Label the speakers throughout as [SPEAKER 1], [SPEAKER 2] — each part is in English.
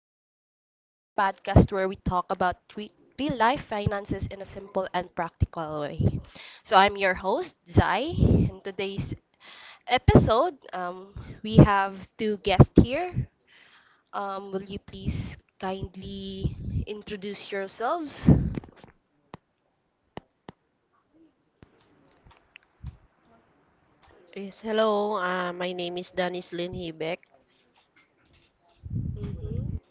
[SPEAKER 1] to Money Matters, the podcast where we talk about real life finances in a simple and practical way. So, I'm your host, Zai. In today's episode, we have two guests here. Will you please kindly introduce yourselves?
[SPEAKER 2] Yes, hello. My name is Danis Lynn Hibeck.
[SPEAKER 1] Hmm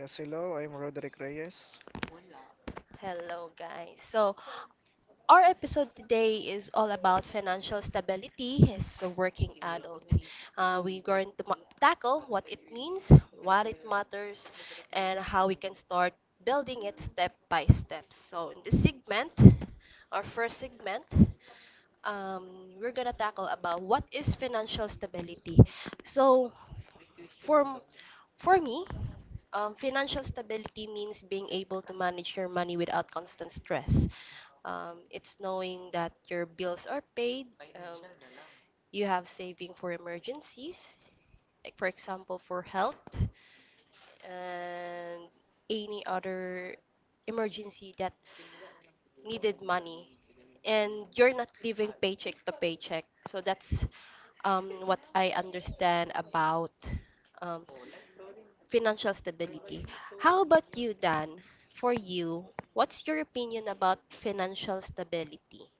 [SPEAKER 3] Yes, hello, I'm Roderick Reyes.
[SPEAKER 1] Hello, guys. So, our episode today is all about financial stability as a working adult. We're going to tackle what it means, what it matters, and how we can start building it step by step. So, in this segment, our first segment, we're gonna tackle about what is financial stability. So, for for me, financial stability means being able to manage your money without constant stress. It's knowing that your bills are paid, um, you have saving for emergencies, like for example, for health and any other emergency that needed money. And you're not living paycheck to paycheck. So that's what I understand about um, financial stability. How about you, Dan? For you, what's your opinion about financial stability?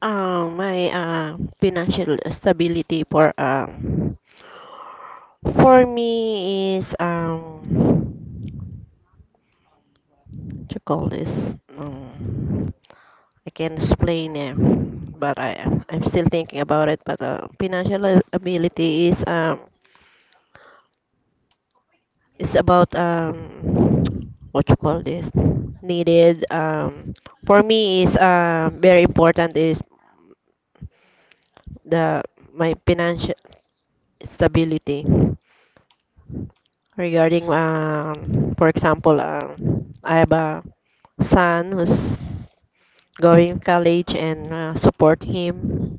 [SPEAKER 2] My financial stability for me is what you call this I can explain it, but I'm still thinking about it. But ability is about what you call this needed for me is very important is the my financial stability regarding for example I have a son who's going college and support him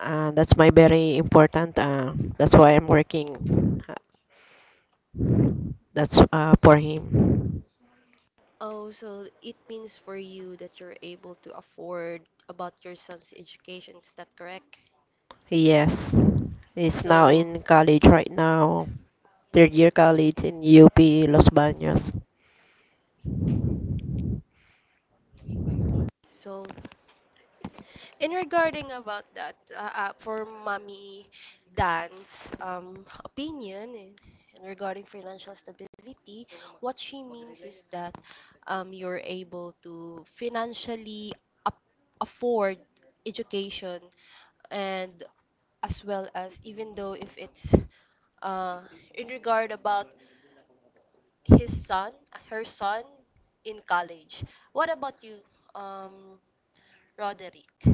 [SPEAKER 2] uh, That's my very important. That's why I'm working. That's for him.
[SPEAKER 1] Oh, so it means for you that you're able to afford about your son's education, is that correct?
[SPEAKER 2] Yes, he's now
[SPEAKER 1] So,
[SPEAKER 2] in college right now. Third year college in UP Los Baños.
[SPEAKER 1] so, in regarding about that, for mommy Dan's opinion in regarding financial stability, what she means is that you're able to financially up afford education and as well as even though if it's uh, in regard about his son, her son in college. What about you, um, Roderick?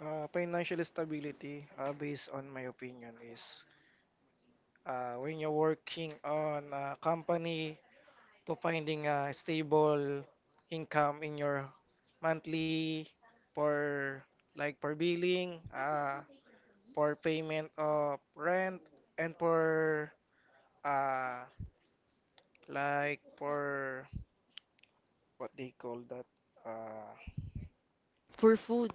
[SPEAKER 3] Financial stability, based on my opinion, is when you're working on a company to finding a stable income in your monthly for, like, per billing, for payment of rent, and for uh, like for what they call that. Uh,
[SPEAKER 1] For food.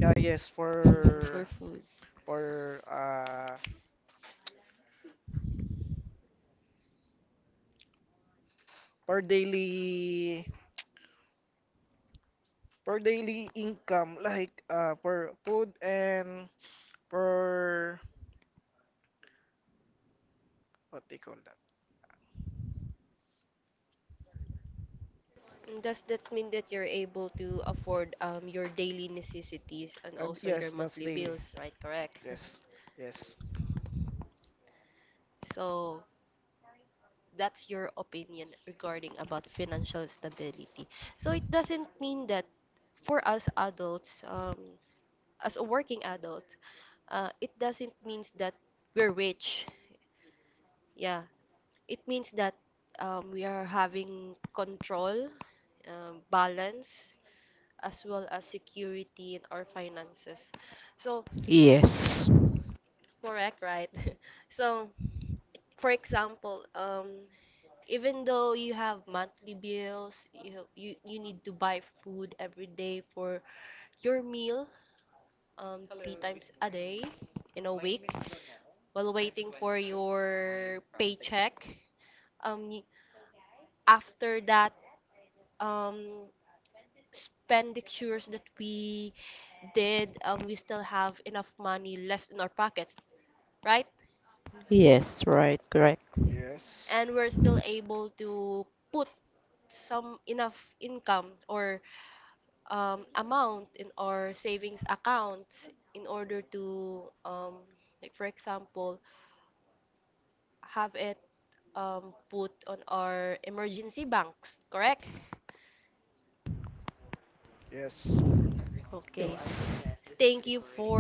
[SPEAKER 3] yeah, yes, for
[SPEAKER 1] For food.
[SPEAKER 3] for uh, per daily income, like per food and per what they call that
[SPEAKER 1] And does that mean that you're able to afford your daily necessities and also your
[SPEAKER 3] yes, that's
[SPEAKER 1] monthly
[SPEAKER 3] daily.
[SPEAKER 1] bills, right? Correct.
[SPEAKER 3] yes yes
[SPEAKER 1] So that's your opinion regarding about financial stability. So it doesn't mean that for us adults, as a working adult, it doesn't mean that we're rich. Yeah, it means that we are having control, balance, as well as security in our finances. So,
[SPEAKER 2] Yes.
[SPEAKER 1] correct, right? So, for example, even though you have monthly bills, you need to buy food every day for your meal, three times a day in a week, while waiting for your paycheck. Um, y- after that, um, spendictures that we did, we still have enough money left in our pockets, right?
[SPEAKER 2] Yes, right, correct.
[SPEAKER 3] yes
[SPEAKER 1] And we're still able to put some enough income or amount in our savings accounts in order to, like for example, have it put on our emergency banks, correct?
[SPEAKER 3] yes
[SPEAKER 1] Okay.
[SPEAKER 2] Yes,
[SPEAKER 1] Thank you for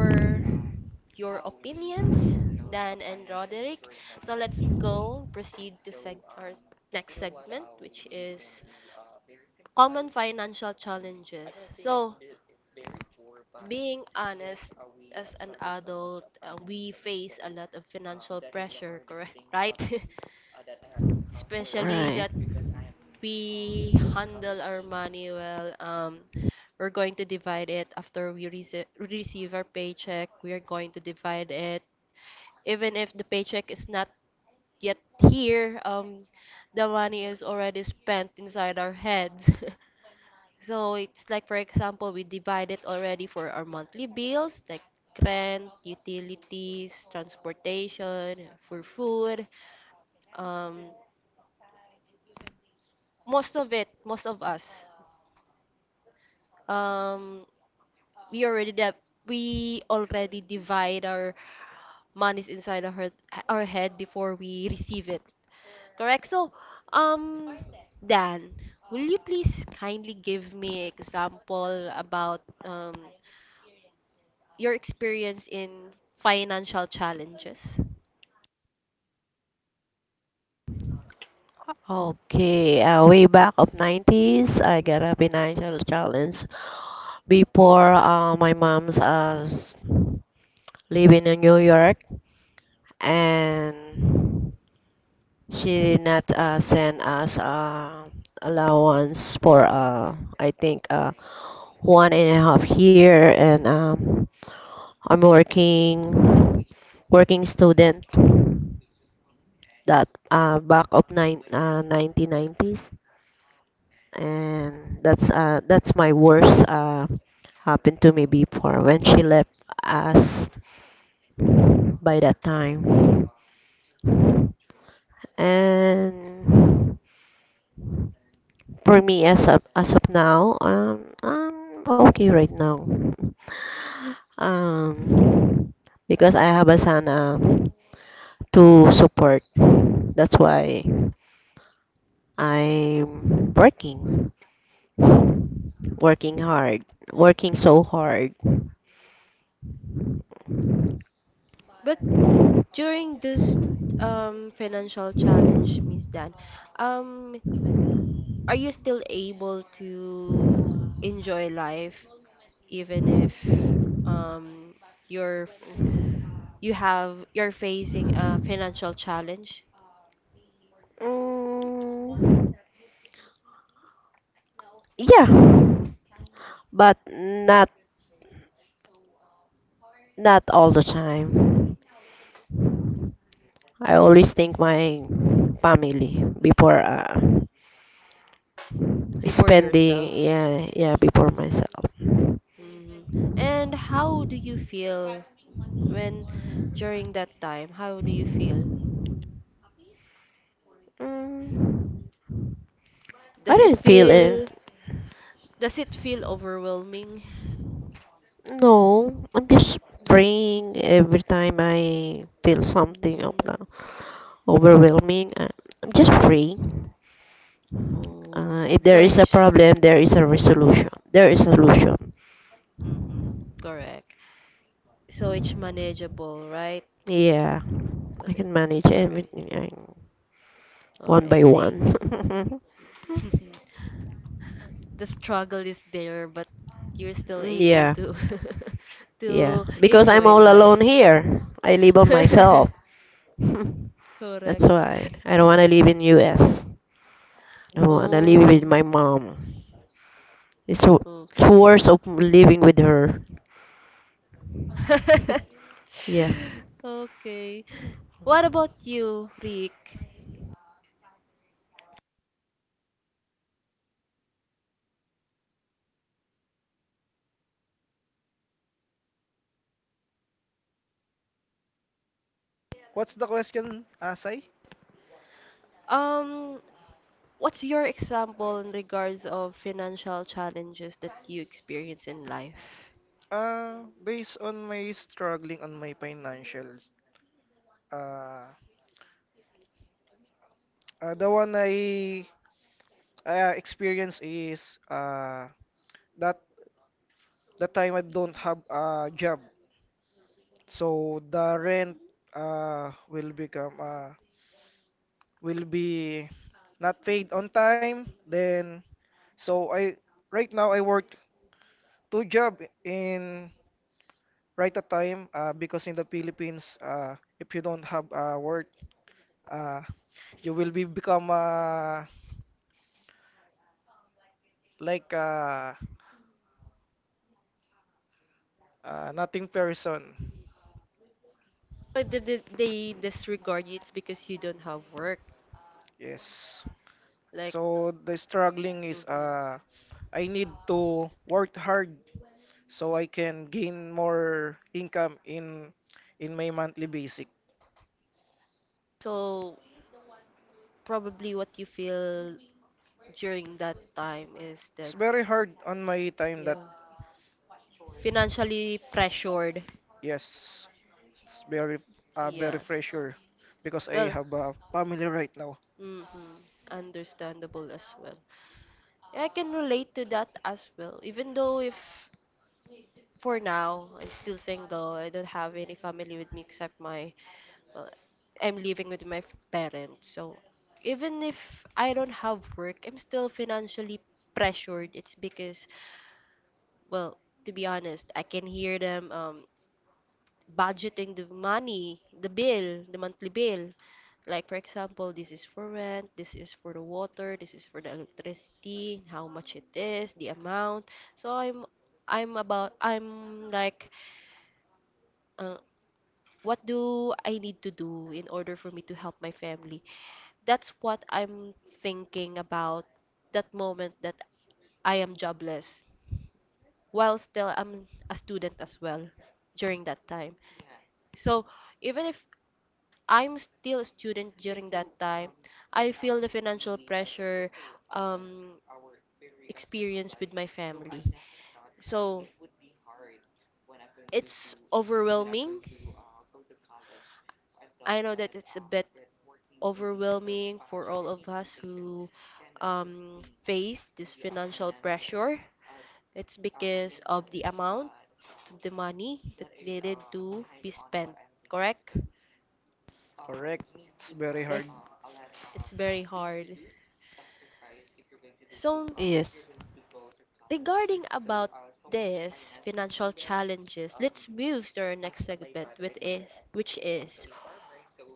[SPEAKER 1] your opinions, Dan and Roderick. So let's go proceed to seg our next segment, which is common financial challenges. So, being honest, as an adult, we face a lot of financial pressure, correct? Right? Especially
[SPEAKER 2] right.
[SPEAKER 1] that we handle our money well. We're going to divide it after we receive our paycheck. We are going to divide it. Even if the paycheck is not yet here, the money is already spent inside our heads. So it's like, for example, we divide it already for our monthly bills, like rent, utilities, transportation, for food. Um, most of it, most of us, um, we already we already divide our money is inside of her our head before we receive it. Correct? So, um, Dan, will you please kindly give me example about your experience in financial challenges?
[SPEAKER 2] Okay, way back of 90s, I got a financial challenge before my mom's living in New York, and she did not send us allowance for I think 1.5 year. And I'm working, working student that back of 1990s. And that's my worst happened to me before when she left us by that time. And for me, as of now, I'm okay right now, um because I have a son to support. That's why I'm working, working hard, working so hard.
[SPEAKER 1] But during this financial challenge, Miss Dan, um, are you still able to enjoy life even if um, your f- you have you're facing a financial challenge
[SPEAKER 2] Mm, yeah, but not all the time. I always think my family before
[SPEAKER 1] before
[SPEAKER 2] spending.
[SPEAKER 1] yourself.
[SPEAKER 2] Yeah, yeah, before myself.
[SPEAKER 1] Hmm And how do you feel when during that time? How do you feel?
[SPEAKER 2] Mm, I
[SPEAKER 1] Does it
[SPEAKER 2] didn't feel
[SPEAKER 1] feel
[SPEAKER 2] it.
[SPEAKER 1] does it feel overwhelming?
[SPEAKER 2] No, I'm just praying every time I feel something of
[SPEAKER 1] Mm,
[SPEAKER 2] the overwhelming. I'm just praying.
[SPEAKER 1] oh,
[SPEAKER 2] If there
[SPEAKER 1] so
[SPEAKER 2] is a
[SPEAKER 1] it's
[SPEAKER 2] problem, there is a resolution. There is a solution.
[SPEAKER 1] mm-hmm, correct. So it's manageable, right?
[SPEAKER 2] Yeah, I
[SPEAKER 1] Mana-
[SPEAKER 2] can manage
[SPEAKER 1] all right,
[SPEAKER 2] everything.
[SPEAKER 1] all
[SPEAKER 2] One
[SPEAKER 1] right.
[SPEAKER 2] by
[SPEAKER 1] Thank.
[SPEAKER 2] one.
[SPEAKER 1] The struggle is there, but you're still
[SPEAKER 2] Mm,
[SPEAKER 1] able
[SPEAKER 2] yeah,
[SPEAKER 1] to
[SPEAKER 2] yeah.
[SPEAKER 1] to
[SPEAKER 2] Because I'm
[SPEAKER 1] enjoy
[SPEAKER 2] all alone
[SPEAKER 1] life.
[SPEAKER 2] here. I live on myself. That's
[SPEAKER 1] Correct.
[SPEAKER 2] why I don't want to live in US. I want to live with
[SPEAKER 1] Oh,
[SPEAKER 2] my mom. It's w-
[SPEAKER 1] oh.
[SPEAKER 2] it's worse of living with her. Yeah.
[SPEAKER 1] Okay. What about you, Rick?
[SPEAKER 3] What's the question, Asai?
[SPEAKER 1] Um, what's your example in regards of financial challenges that you experience in life?
[SPEAKER 3] Based on my struggling on my financials, uh, the one I experience is that the time I don't have a job, so the rent will become will be not paid on time. Then so I right now I work two job in right at time, because in the Philippines, if you don't have work, uh, you will be become, like uh, nothing person.
[SPEAKER 1] But did they disregard you? It's because you don't have work.
[SPEAKER 3] Yes,
[SPEAKER 1] Like,
[SPEAKER 3] so the struggling is,
[SPEAKER 1] mhm.
[SPEAKER 3] I need to work hard so I can gain more income in my monthly basis.
[SPEAKER 1] So, probably what you feel during that time is
[SPEAKER 3] It's
[SPEAKER 1] that
[SPEAKER 3] very hard on my time that
[SPEAKER 1] yeah, financially pressured,
[SPEAKER 3] yes, it's very very
[SPEAKER 1] yes,
[SPEAKER 3] pressure, because I
[SPEAKER 1] well,
[SPEAKER 3] have a family right now.
[SPEAKER 1] mm-hmm, understandable as well. Yeah, I can relate to that as well even though if for now I'm still single, I don't have any family with me except my, well, I'm living with my parents, so even if I don't have work I'm still financially pressured. It's because, well, to be honest, I can hear them budgeting the money, the bill, the monthly bill. Like for example, this is for rent, this is for the water, this is for the electricity, how much it is, the amount. So I'm like uh, what do I need to do in order for me to help my family? That's what I'm thinking about that moment that I am jobless while still I'm a student as well during that time. So even if I'm still a student during that time, I feel the financial pressure um, experience with my family. So it's overwhelming. I know that it's a bit overwhelming for all of us who face this financial pressure. It's because of the amount of the money that needed to be spent, correct?
[SPEAKER 3] Correct. It's very
[SPEAKER 1] Like,
[SPEAKER 3] hard.
[SPEAKER 1] it's very hard. So,
[SPEAKER 2] Yes.
[SPEAKER 1] regarding about this financial challenges, let's move to our next segment, which is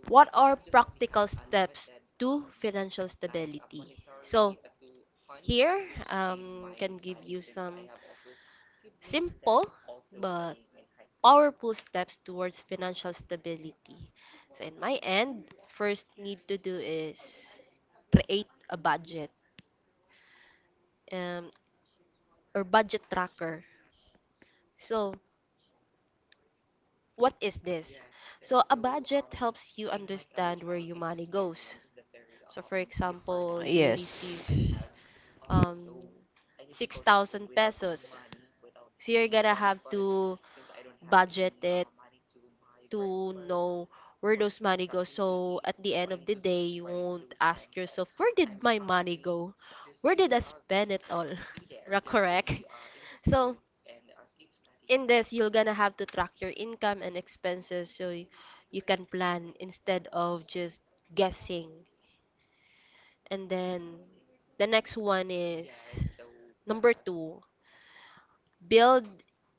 [SPEAKER 1] what are practical steps to financial stability? So, here, can give you some simple but powerful steps towards financial stability. So in my end, first need to do is create a budget um, or budget tracker. So what is this? So, a budget helps you understand where your money goes. So, for example, you receive
[SPEAKER 2] Yes.
[SPEAKER 1] um, 6,000 pesos. So, you're gonna have to budget it to know where those money go. So, at the end of the day, you won't ask yourself, where did my money go? Where did I spend it all? Ra- correct. So in this, you're gonna have to track your income and expenses so you can plan instead of just guessing. And then the next one is number two, build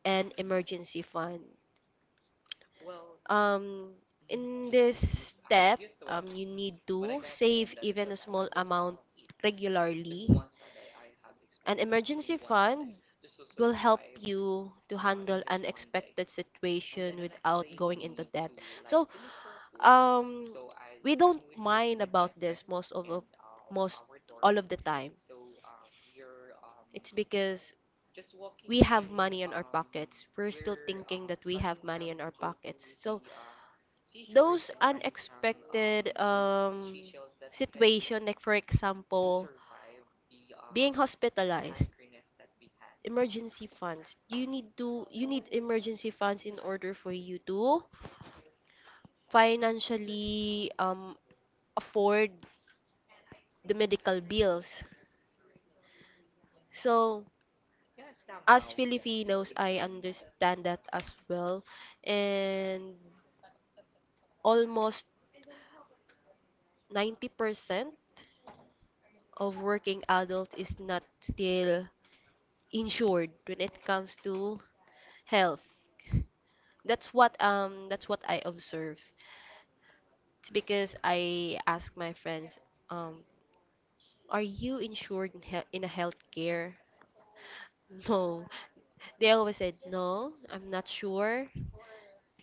[SPEAKER 1] an emergency fund. Um, in this step, you need to save even a small amount regularly. An emergency fund will help you to handle unexpected situation without going into debt. So, um, we don't mind about this most all of the time. It's because we have money in our pockets. We're still thinking that we have money in our pockets. So those unexpected situation, like for example, being hospitalized, emergency funds. You need to you need emergency funds in order for you to financially afford the medical bills. So as Filipinos, I understand that as well. And almost 90% of working adult is not still insured when it comes to health. That's what I observed. It's because I asked my friends, um, are you insured in health in a healthcare? No. They always said no, I'm not sure.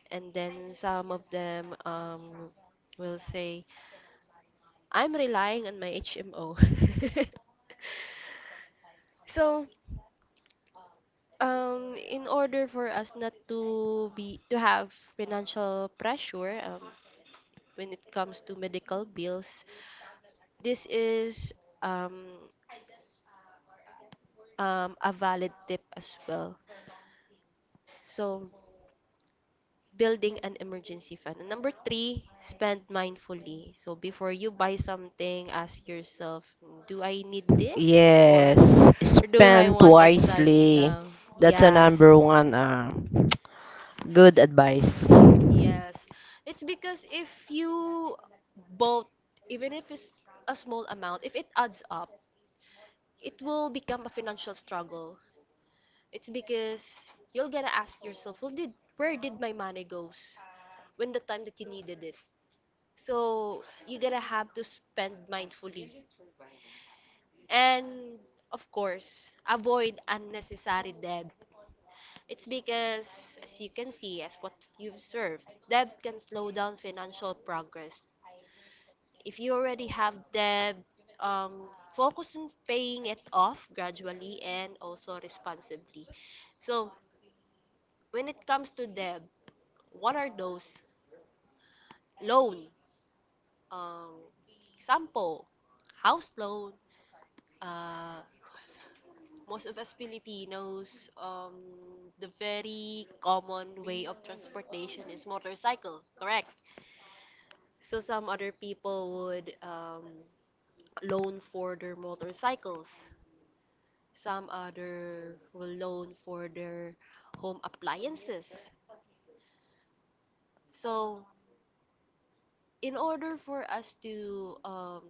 [SPEAKER 1] And then some of them will say I'm relying on my HMO. So, in order for us not to have financial pressure when it comes to medical bills, this is um, a valid tip as well. So, building an emergency fund. And number three, spend mindfully. So, before you buy something, ask yourself, do I need this
[SPEAKER 2] Yes.
[SPEAKER 1] or do I
[SPEAKER 2] Spend
[SPEAKER 1] want it right
[SPEAKER 2] wisely.
[SPEAKER 1] now?
[SPEAKER 2] That's a
[SPEAKER 1] Yes,
[SPEAKER 2] number one good advice.
[SPEAKER 1] yes. It's because if you both, even if it's a small amount, if it adds up, it will become a financial struggle. It's because you're gonna ask yourself, well, did where did my money goes when the time that you needed it? So you're gonna have to spend mindfully. And of course, avoid unnecessary debt. It's because, as you can see, as what you've served, debt can slow down financial progress. If you already have debt, um, focus on paying it off gradually and also responsibly. So, when it comes to debt, what are those? Loan, um, sampo, house loan. Uh, most of us Filipinos, the very common way of transportation is motorcycle, correct? So some other people would loan for their motorcycles. Some other will loan for their home appliances. So, in order for us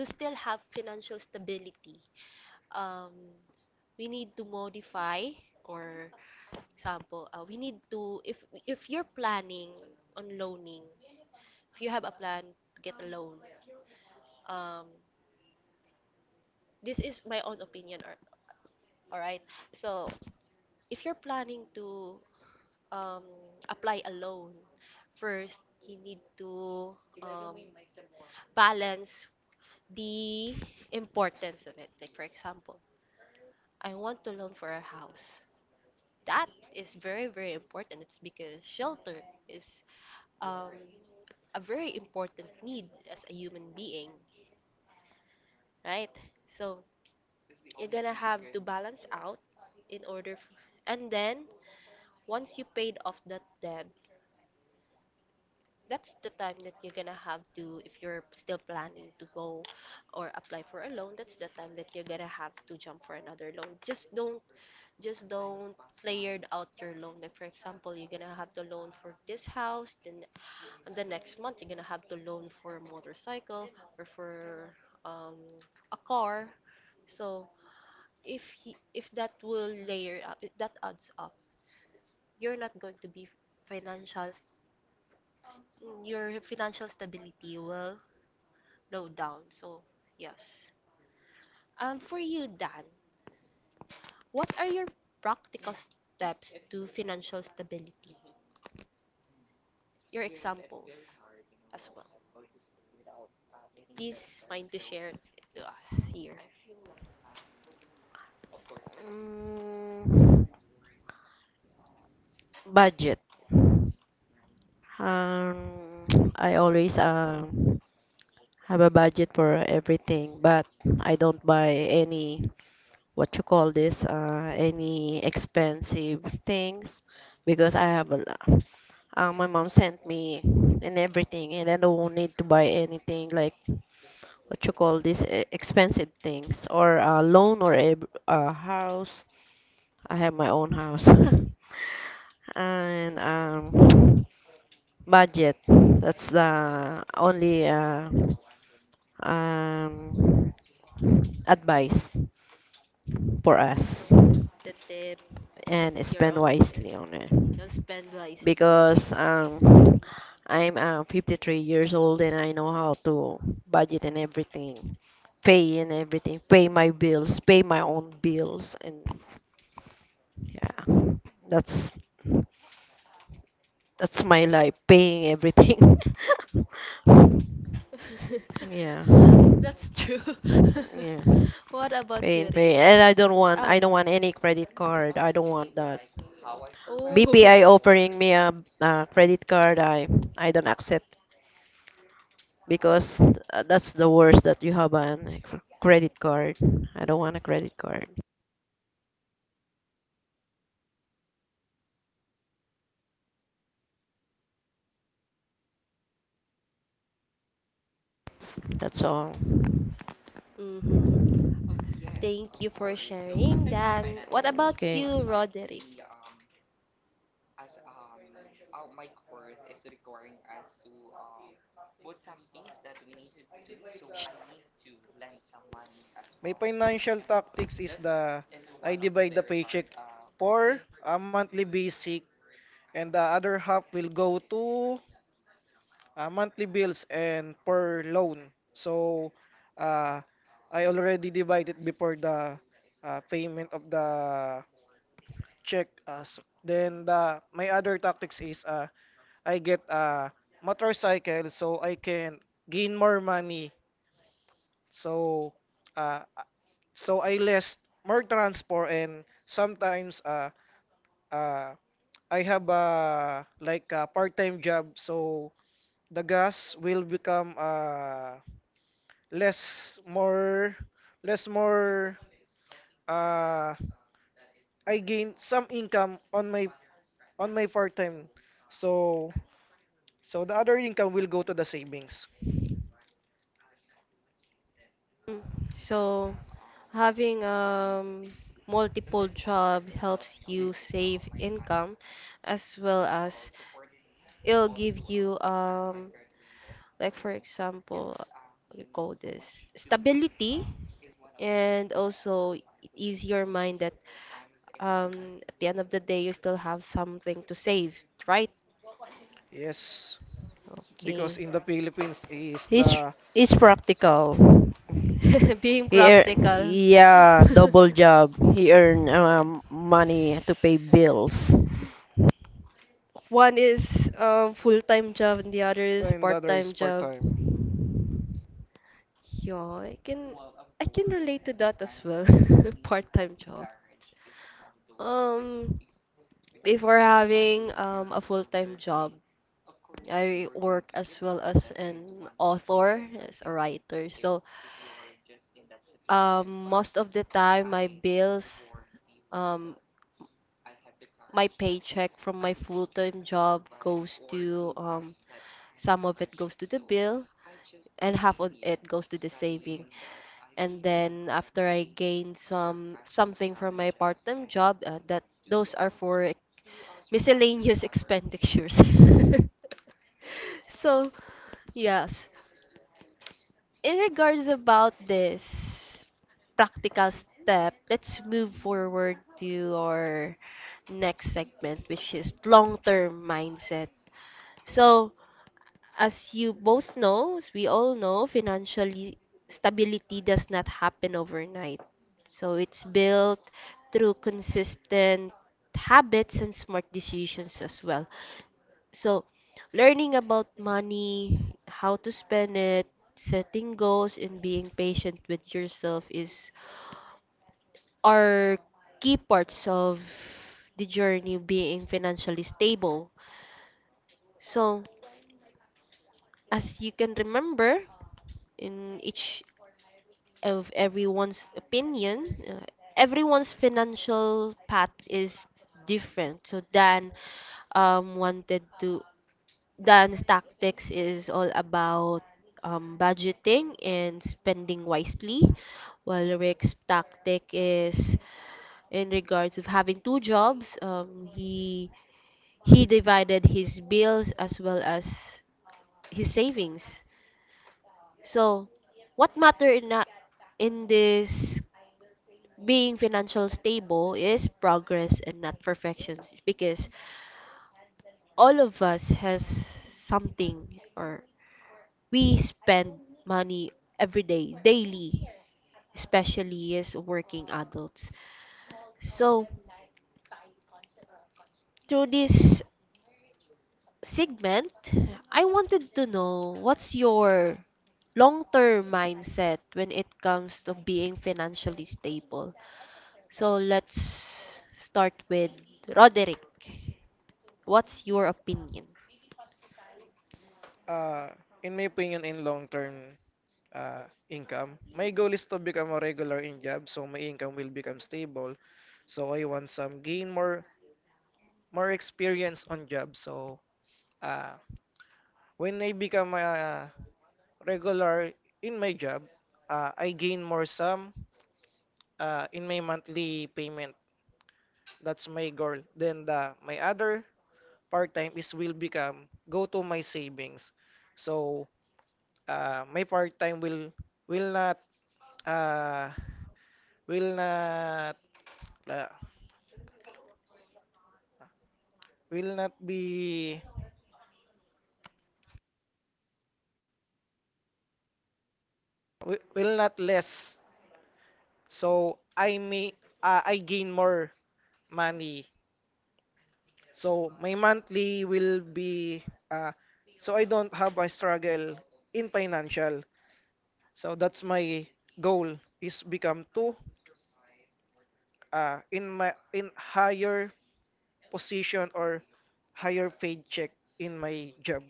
[SPEAKER 1] to still have financial stability, um, we need to modify or example, we need to if you're planning on loaning, if you have a plan to get a loan, um, this is my own opinion or all right. So, if you're planning to um, apply a loan. First, you need to um, balance the importance of it. Like, for example, I want to loan for a house. That is very, very important. It's because shelter is um, a very important need as a human being, right? So, you're gonna have to balance out in order f and then once you paid off that debt, that's the time that you're gonna have to, if you're still planning to go or apply for a loan, that's the time that you're gonna have to jump for another loan. Just don't layered out your loan. Like, for example, you're gonna have the loan for this house, then on the next month you're gonna have the loan for a motorcycle or for um, a car. So if that will layer up, if that adds up, you're not going to be financial s- your financial stability will low down. So, yes. For you, Dan, what are your practical steps to financial stability? Your examples as well. Please mind to share it to us here.
[SPEAKER 2] Mm, budget. Um, I always have a budget for everything, but I don't buy any what you call this any expensive things because I have a lot. My mom sent me and everything, and I don't need to buy anything like what you call this expensive things or a loan or a house. I have my own house, and budget. That's the only um, advice for us,
[SPEAKER 1] The tip, that's
[SPEAKER 2] and
[SPEAKER 1] your
[SPEAKER 2] spend
[SPEAKER 1] only tip.
[SPEAKER 2] wisely on it
[SPEAKER 1] You'll spend wisely.
[SPEAKER 2] because I'm 53 years old, and I know how to budget and everything, pay my bills, pay my own bills, and yeah, that's that's my life, paying everything. Yeah,
[SPEAKER 1] That's true.
[SPEAKER 2] yeah.
[SPEAKER 1] What about you,
[SPEAKER 2] Pain, pain.
[SPEAKER 1] Rick?
[SPEAKER 2] And I don't want
[SPEAKER 1] Oh,
[SPEAKER 2] I don't
[SPEAKER 1] yeah.
[SPEAKER 2] want any credit card. I don't want that.
[SPEAKER 1] Oh.
[SPEAKER 2] BPI offering me a credit card, I don't accept because that's the worst that you have an credit card. I don't want a credit card. That's all.
[SPEAKER 1] Mm-hmm. Thank you for sharing that. What about
[SPEAKER 2] Okay.
[SPEAKER 1] you, Roderick?
[SPEAKER 3] My financial tactics is the I divide the paycheck for a monthly basic, and the other half will go to monthly bills and per loan. So, uh, I already divided before the, payment of the check us. Then the my other tactics is, I get a motorcycle so I can gain more money. So uh so I less more transport. And sometimes, uh I have a, like, a part-time job, so the gas will become, less more, less more uh I gain some income on my part-time. So So the other income will go to the savings.
[SPEAKER 1] Mm. So, having multiple job helps
[SPEAKER 3] Y-
[SPEAKER 1] you save income, as well as it'll give you, like for example, we call this stability, and also it ease your mind that at the end of the day you still have something to save, right?
[SPEAKER 3] Yes, because
[SPEAKER 1] Okay.
[SPEAKER 3] in the Philippines is
[SPEAKER 2] He's
[SPEAKER 3] the
[SPEAKER 2] he's practical.
[SPEAKER 1] Being
[SPEAKER 2] He earn,
[SPEAKER 1] practical.
[SPEAKER 2] yeah, double job. He earn money to pay bills.
[SPEAKER 1] One is a full-time job and the other is a
[SPEAKER 3] and the other is
[SPEAKER 1] part-time
[SPEAKER 3] part
[SPEAKER 1] job.
[SPEAKER 3] time.
[SPEAKER 1] Yeah, I can I can relate to that as well. Part-time job. Um, Before having a full-time job, I work as well as an author, as a writer. So, most of the time my bills, um my paycheck from my full-time job goes to, some of it goes to the bill and half of it goes to the saving. And then after I gain some something from my part-time job, that, those are for miscellaneous expenditures. So, yes. In regards about this practical step, let's move forward to our next segment, which is long-term mindset. So, as you both know, as we all know, financially stability does not happen overnight. So it's built through consistent habits and smart decisions as well. So, learning about money, how to spend it, setting goals, and being patient with yourself is are key parts of the journey of being financially stable. So, as you can remember, in each of everyone's opinion, everyone's financial path is different. So Dan, wanted to dance tactics is all about budgeting and spending wisely, while Rick's tactic is in regards of having two jobs. He divided his bills as well as his savings. So, what matter in a, in this being financial stable is progress and not perfections, because all of us has something, or we spend money every day, daily, especially as working adults. So, through this segment, I wanted to know what's your long term mindset when it comes to being financially stable. So, let's start with Roderick. What's your opinion?
[SPEAKER 3] In my opinion, in long term income, my goal is to become a regular in job, so my income will become stable. So I want some gain more, more experience on job. So uh, when I become a, regular in my job, I gain more sum, in my monthly payment. That's my goal. Then the my other part-time is will become go to my savings. So, my part-time will will not uh, will not uh, will not be will not less. So I may, I gain more money. So my monthly will be, uh, so I don't have a struggle in financial. So that's my goal is become to, in my in higher position or higher paid check in my job.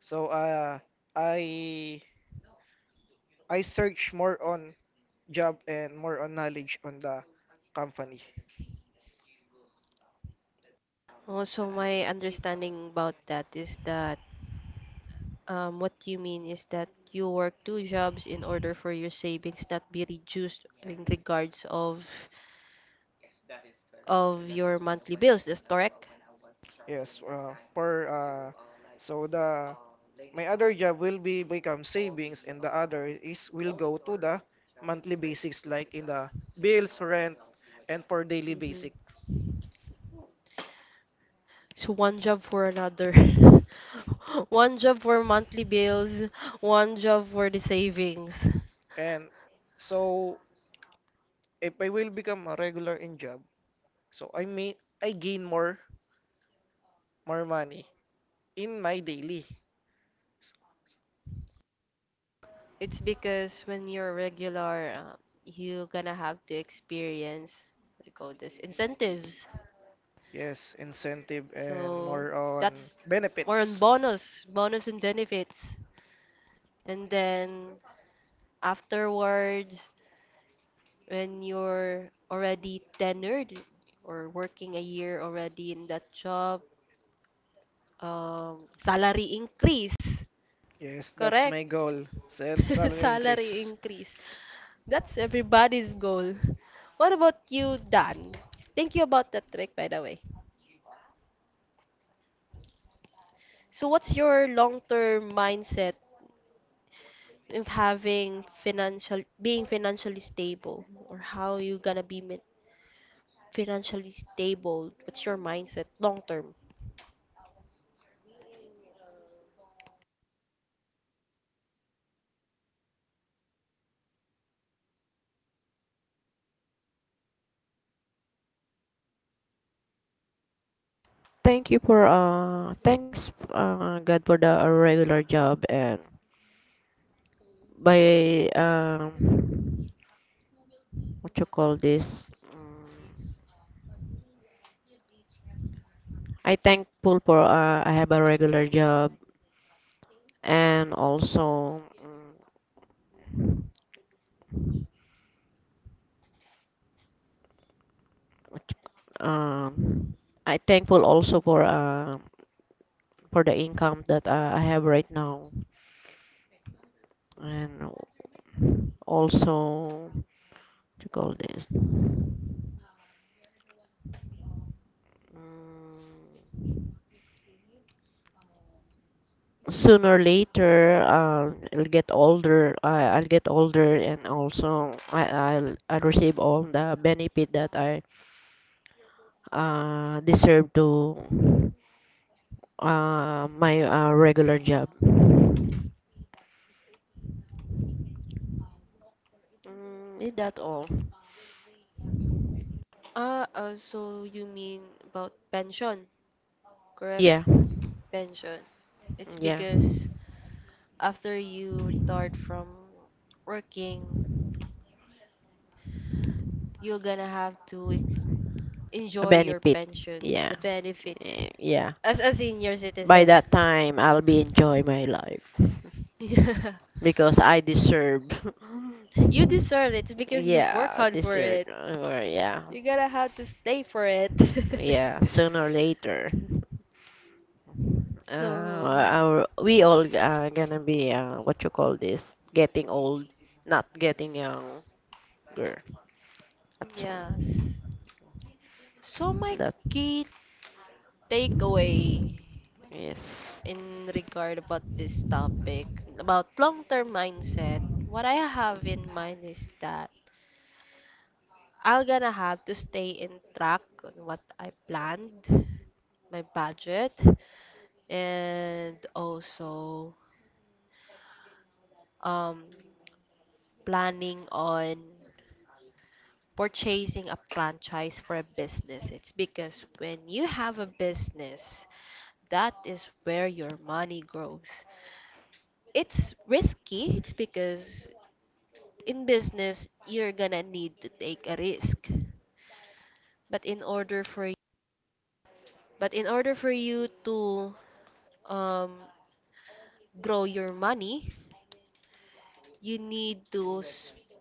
[SPEAKER 3] So I I search more on job and more on knowledge on the company.
[SPEAKER 1] Also, my understanding about that is that what you mean is that you work two jobs in order for your savings not be reduced in regards of your monthly bills. That's correct.
[SPEAKER 3] Yes, for so the my other job will be become savings, and the other is will go to the monthly basics, like in the bills, rent, and for daily
[SPEAKER 1] Mhm.
[SPEAKER 3] basic.
[SPEAKER 1] So one job for another. One job for monthly bills, one job for the savings.
[SPEAKER 3] And so if I will become a regular in job, so I made I gain more, more money in my daily.
[SPEAKER 1] It's because when you're regular, you gonna have to experience, what do you call this, incentives.
[SPEAKER 3] Yes, incentive and
[SPEAKER 1] So
[SPEAKER 3] more on
[SPEAKER 1] that's more on
[SPEAKER 3] benefits.
[SPEAKER 1] bonus, bonus and benefits. And then afterwards, when you're already tenured or working a year already in that job, salary increase.
[SPEAKER 3] Yes, that's
[SPEAKER 1] Correct?
[SPEAKER 3] my goal. Salary
[SPEAKER 1] Salary
[SPEAKER 3] increase.
[SPEAKER 1] increase. That's everybody's goal. What about you, Dan? Thank you about that trick, by the way. So, what's your long-term mindset if having financial, being financially stable, or how you gonna be financially stable? What's your mindset long term?
[SPEAKER 2] Thank you for thanks God for the regular job, and by what you call this, mm, I thankful for I have a regular job. And also, what you I thankful also for the income that I have right now. And also what you call this, mm, sooner or later I'll get older, I'll get older. And also I'll receive all the benefit that I deserve to my regular job is that all?
[SPEAKER 1] Ah, so you mean about pension, correct? Yeah.
[SPEAKER 2] Yeah.
[SPEAKER 1] Pension. It's
[SPEAKER 2] Yeah,
[SPEAKER 1] because after you retired from working, you're gonna have to
[SPEAKER 2] a
[SPEAKER 1] enjoy your
[SPEAKER 2] benefit.
[SPEAKER 1] pensions,
[SPEAKER 2] Yeah.
[SPEAKER 1] the benefits,
[SPEAKER 2] Yeah.
[SPEAKER 1] as a senior
[SPEAKER 2] By
[SPEAKER 1] citizen.
[SPEAKER 2] that time I'll be enjoy my life
[SPEAKER 1] Yeah.
[SPEAKER 2] because I deserve.
[SPEAKER 1] You deserve it. It's because you work
[SPEAKER 2] Yeah,
[SPEAKER 1] hard for
[SPEAKER 2] deserve
[SPEAKER 1] it.
[SPEAKER 2] yeah.
[SPEAKER 1] You gotta have to stay for it.
[SPEAKER 2] Yeah, sooner or later, uh,
[SPEAKER 1] So,
[SPEAKER 2] we all are gonna be what you call this, getting old, not getting younger. At some
[SPEAKER 1] yes. So my
[SPEAKER 2] that,
[SPEAKER 1] key takeaway
[SPEAKER 2] yes,
[SPEAKER 1] in regard about this topic about long-term mindset, what I have in mind is that I'm gonna have to stay in track on what I planned, my budget, and also um planning on purchasing a franchise for a business. It's because when you have a business, that is where your money grows. It's risky. It's because in business you're gonna need to take a risk. But in order for but in order for you to um, grow your money, you need to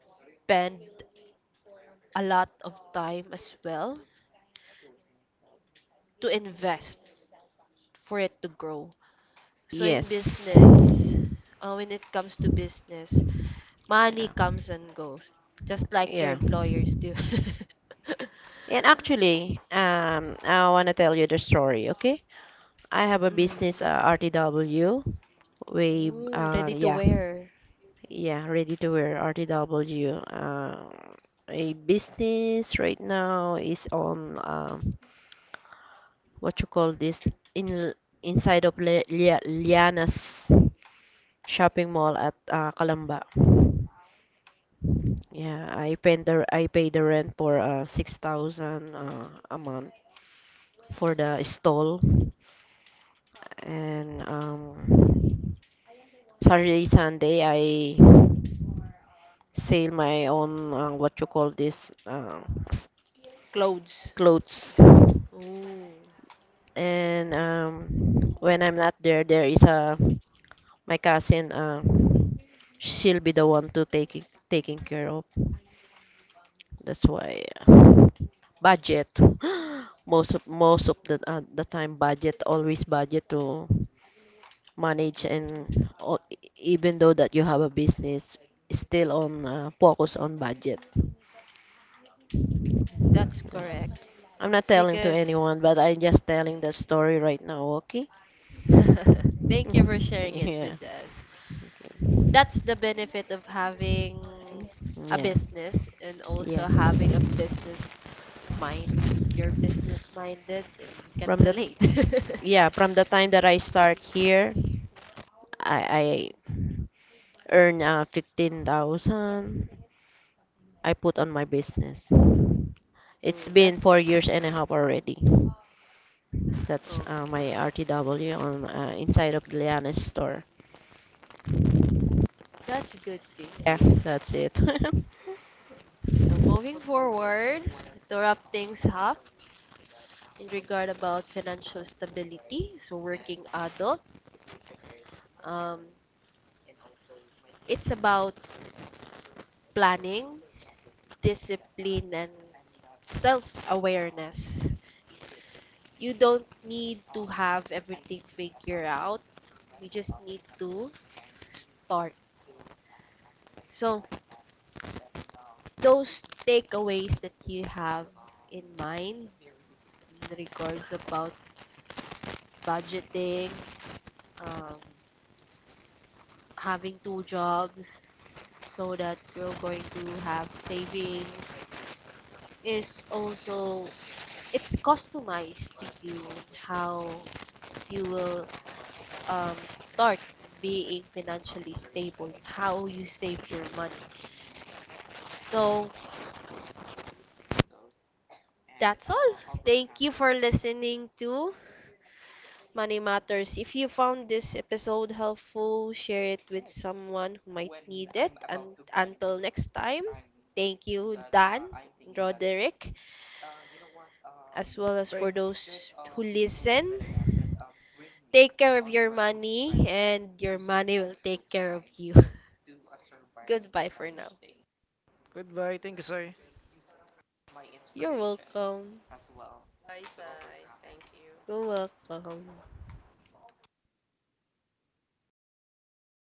[SPEAKER 1] spend a lot of time as well to invest for it to grow. So in
[SPEAKER 2] yes,
[SPEAKER 1] business, when it comes to business, money
[SPEAKER 2] yeah,
[SPEAKER 1] comes and goes, just like your
[SPEAKER 2] yeah.
[SPEAKER 1] employers do.
[SPEAKER 2] And actually, I wanna tell you the story. Okay, I have a
[SPEAKER 1] Mm.
[SPEAKER 2] business RTW. We
[SPEAKER 1] Ooh, ready to
[SPEAKER 2] yeah,
[SPEAKER 1] wear
[SPEAKER 2] yeah, ready to wear, RTW. A business right now is on. What you call this, in inside of Liana's shopping mall at Calamba. Yeah, I pay the rent for 6,000 a month for the stall, and Saturday Sunday I sell my own what you call this s-
[SPEAKER 1] clothes.
[SPEAKER 2] clothes.
[SPEAKER 1] Ooh,
[SPEAKER 2] And when I'm not there, there is a my cousin. She'll be the one to taking care of. That's why budget. Most of the time budget, always budget to manage. And even though that you have a business, still on focus on budget.
[SPEAKER 1] that's
[SPEAKER 2] Uh,
[SPEAKER 1] correct.
[SPEAKER 2] I'm not
[SPEAKER 1] It's
[SPEAKER 2] telling to
[SPEAKER 1] because.
[SPEAKER 2] anyone, but I'm just telling the story right now, okay?
[SPEAKER 1] Thank you for sharing it
[SPEAKER 2] Yeah.
[SPEAKER 1] with us.
[SPEAKER 2] Okay. Mm.
[SPEAKER 1] That's the benefit of having a
[SPEAKER 2] Yeah.
[SPEAKER 1] business and
[SPEAKER 2] Yeah.
[SPEAKER 1] also having a business mind. You're business minded and you can
[SPEAKER 2] From the
[SPEAKER 1] relate.
[SPEAKER 2] yeah, from the time that I start here, I earn 15,000. I put on my business. It's
[SPEAKER 1] Mm, that
[SPEAKER 2] been 4 years and a half already. That's my
[SPEAKER 1] okay.
[SPEAKER 2] RTW on inside of Gliana's store.
[SPEAKER 1] That's good to
[SPEAKER 2] Yeah,
[SPEAKER 1] hear.
[SPEAKER 2] that's it.
[SPEAKER 1] So moving forward to wrap things up in regard about financial stability, so working adult, um, it's about planning, discipline, and self-awareness. You don't need to have everything figured out. You just need to start. So, those takeaways that you have in mind in regards about budgeting, um, having two jobs so that you're going to have savings is also it's customized to you how you will start being financially stable, how you save your money. So that's all. Thank you for listening to Money Matters. If you found this episode helpful, share it with someone who might need it. And until next time, thank you, Dan, Roderick, as well as
[SPEAKER 3] Thank
[SPEAKER 1] for those who listen. Take care of your money, and your money will take care of you. Goodbye for now.
[SPEAKER 3] goodbye. Thank you, sir.
[SPEAKER 1] You're welcome.
[SPEAKER 2] Bye, Sai. Thank you.
[SPEAKER 1] You're welcome.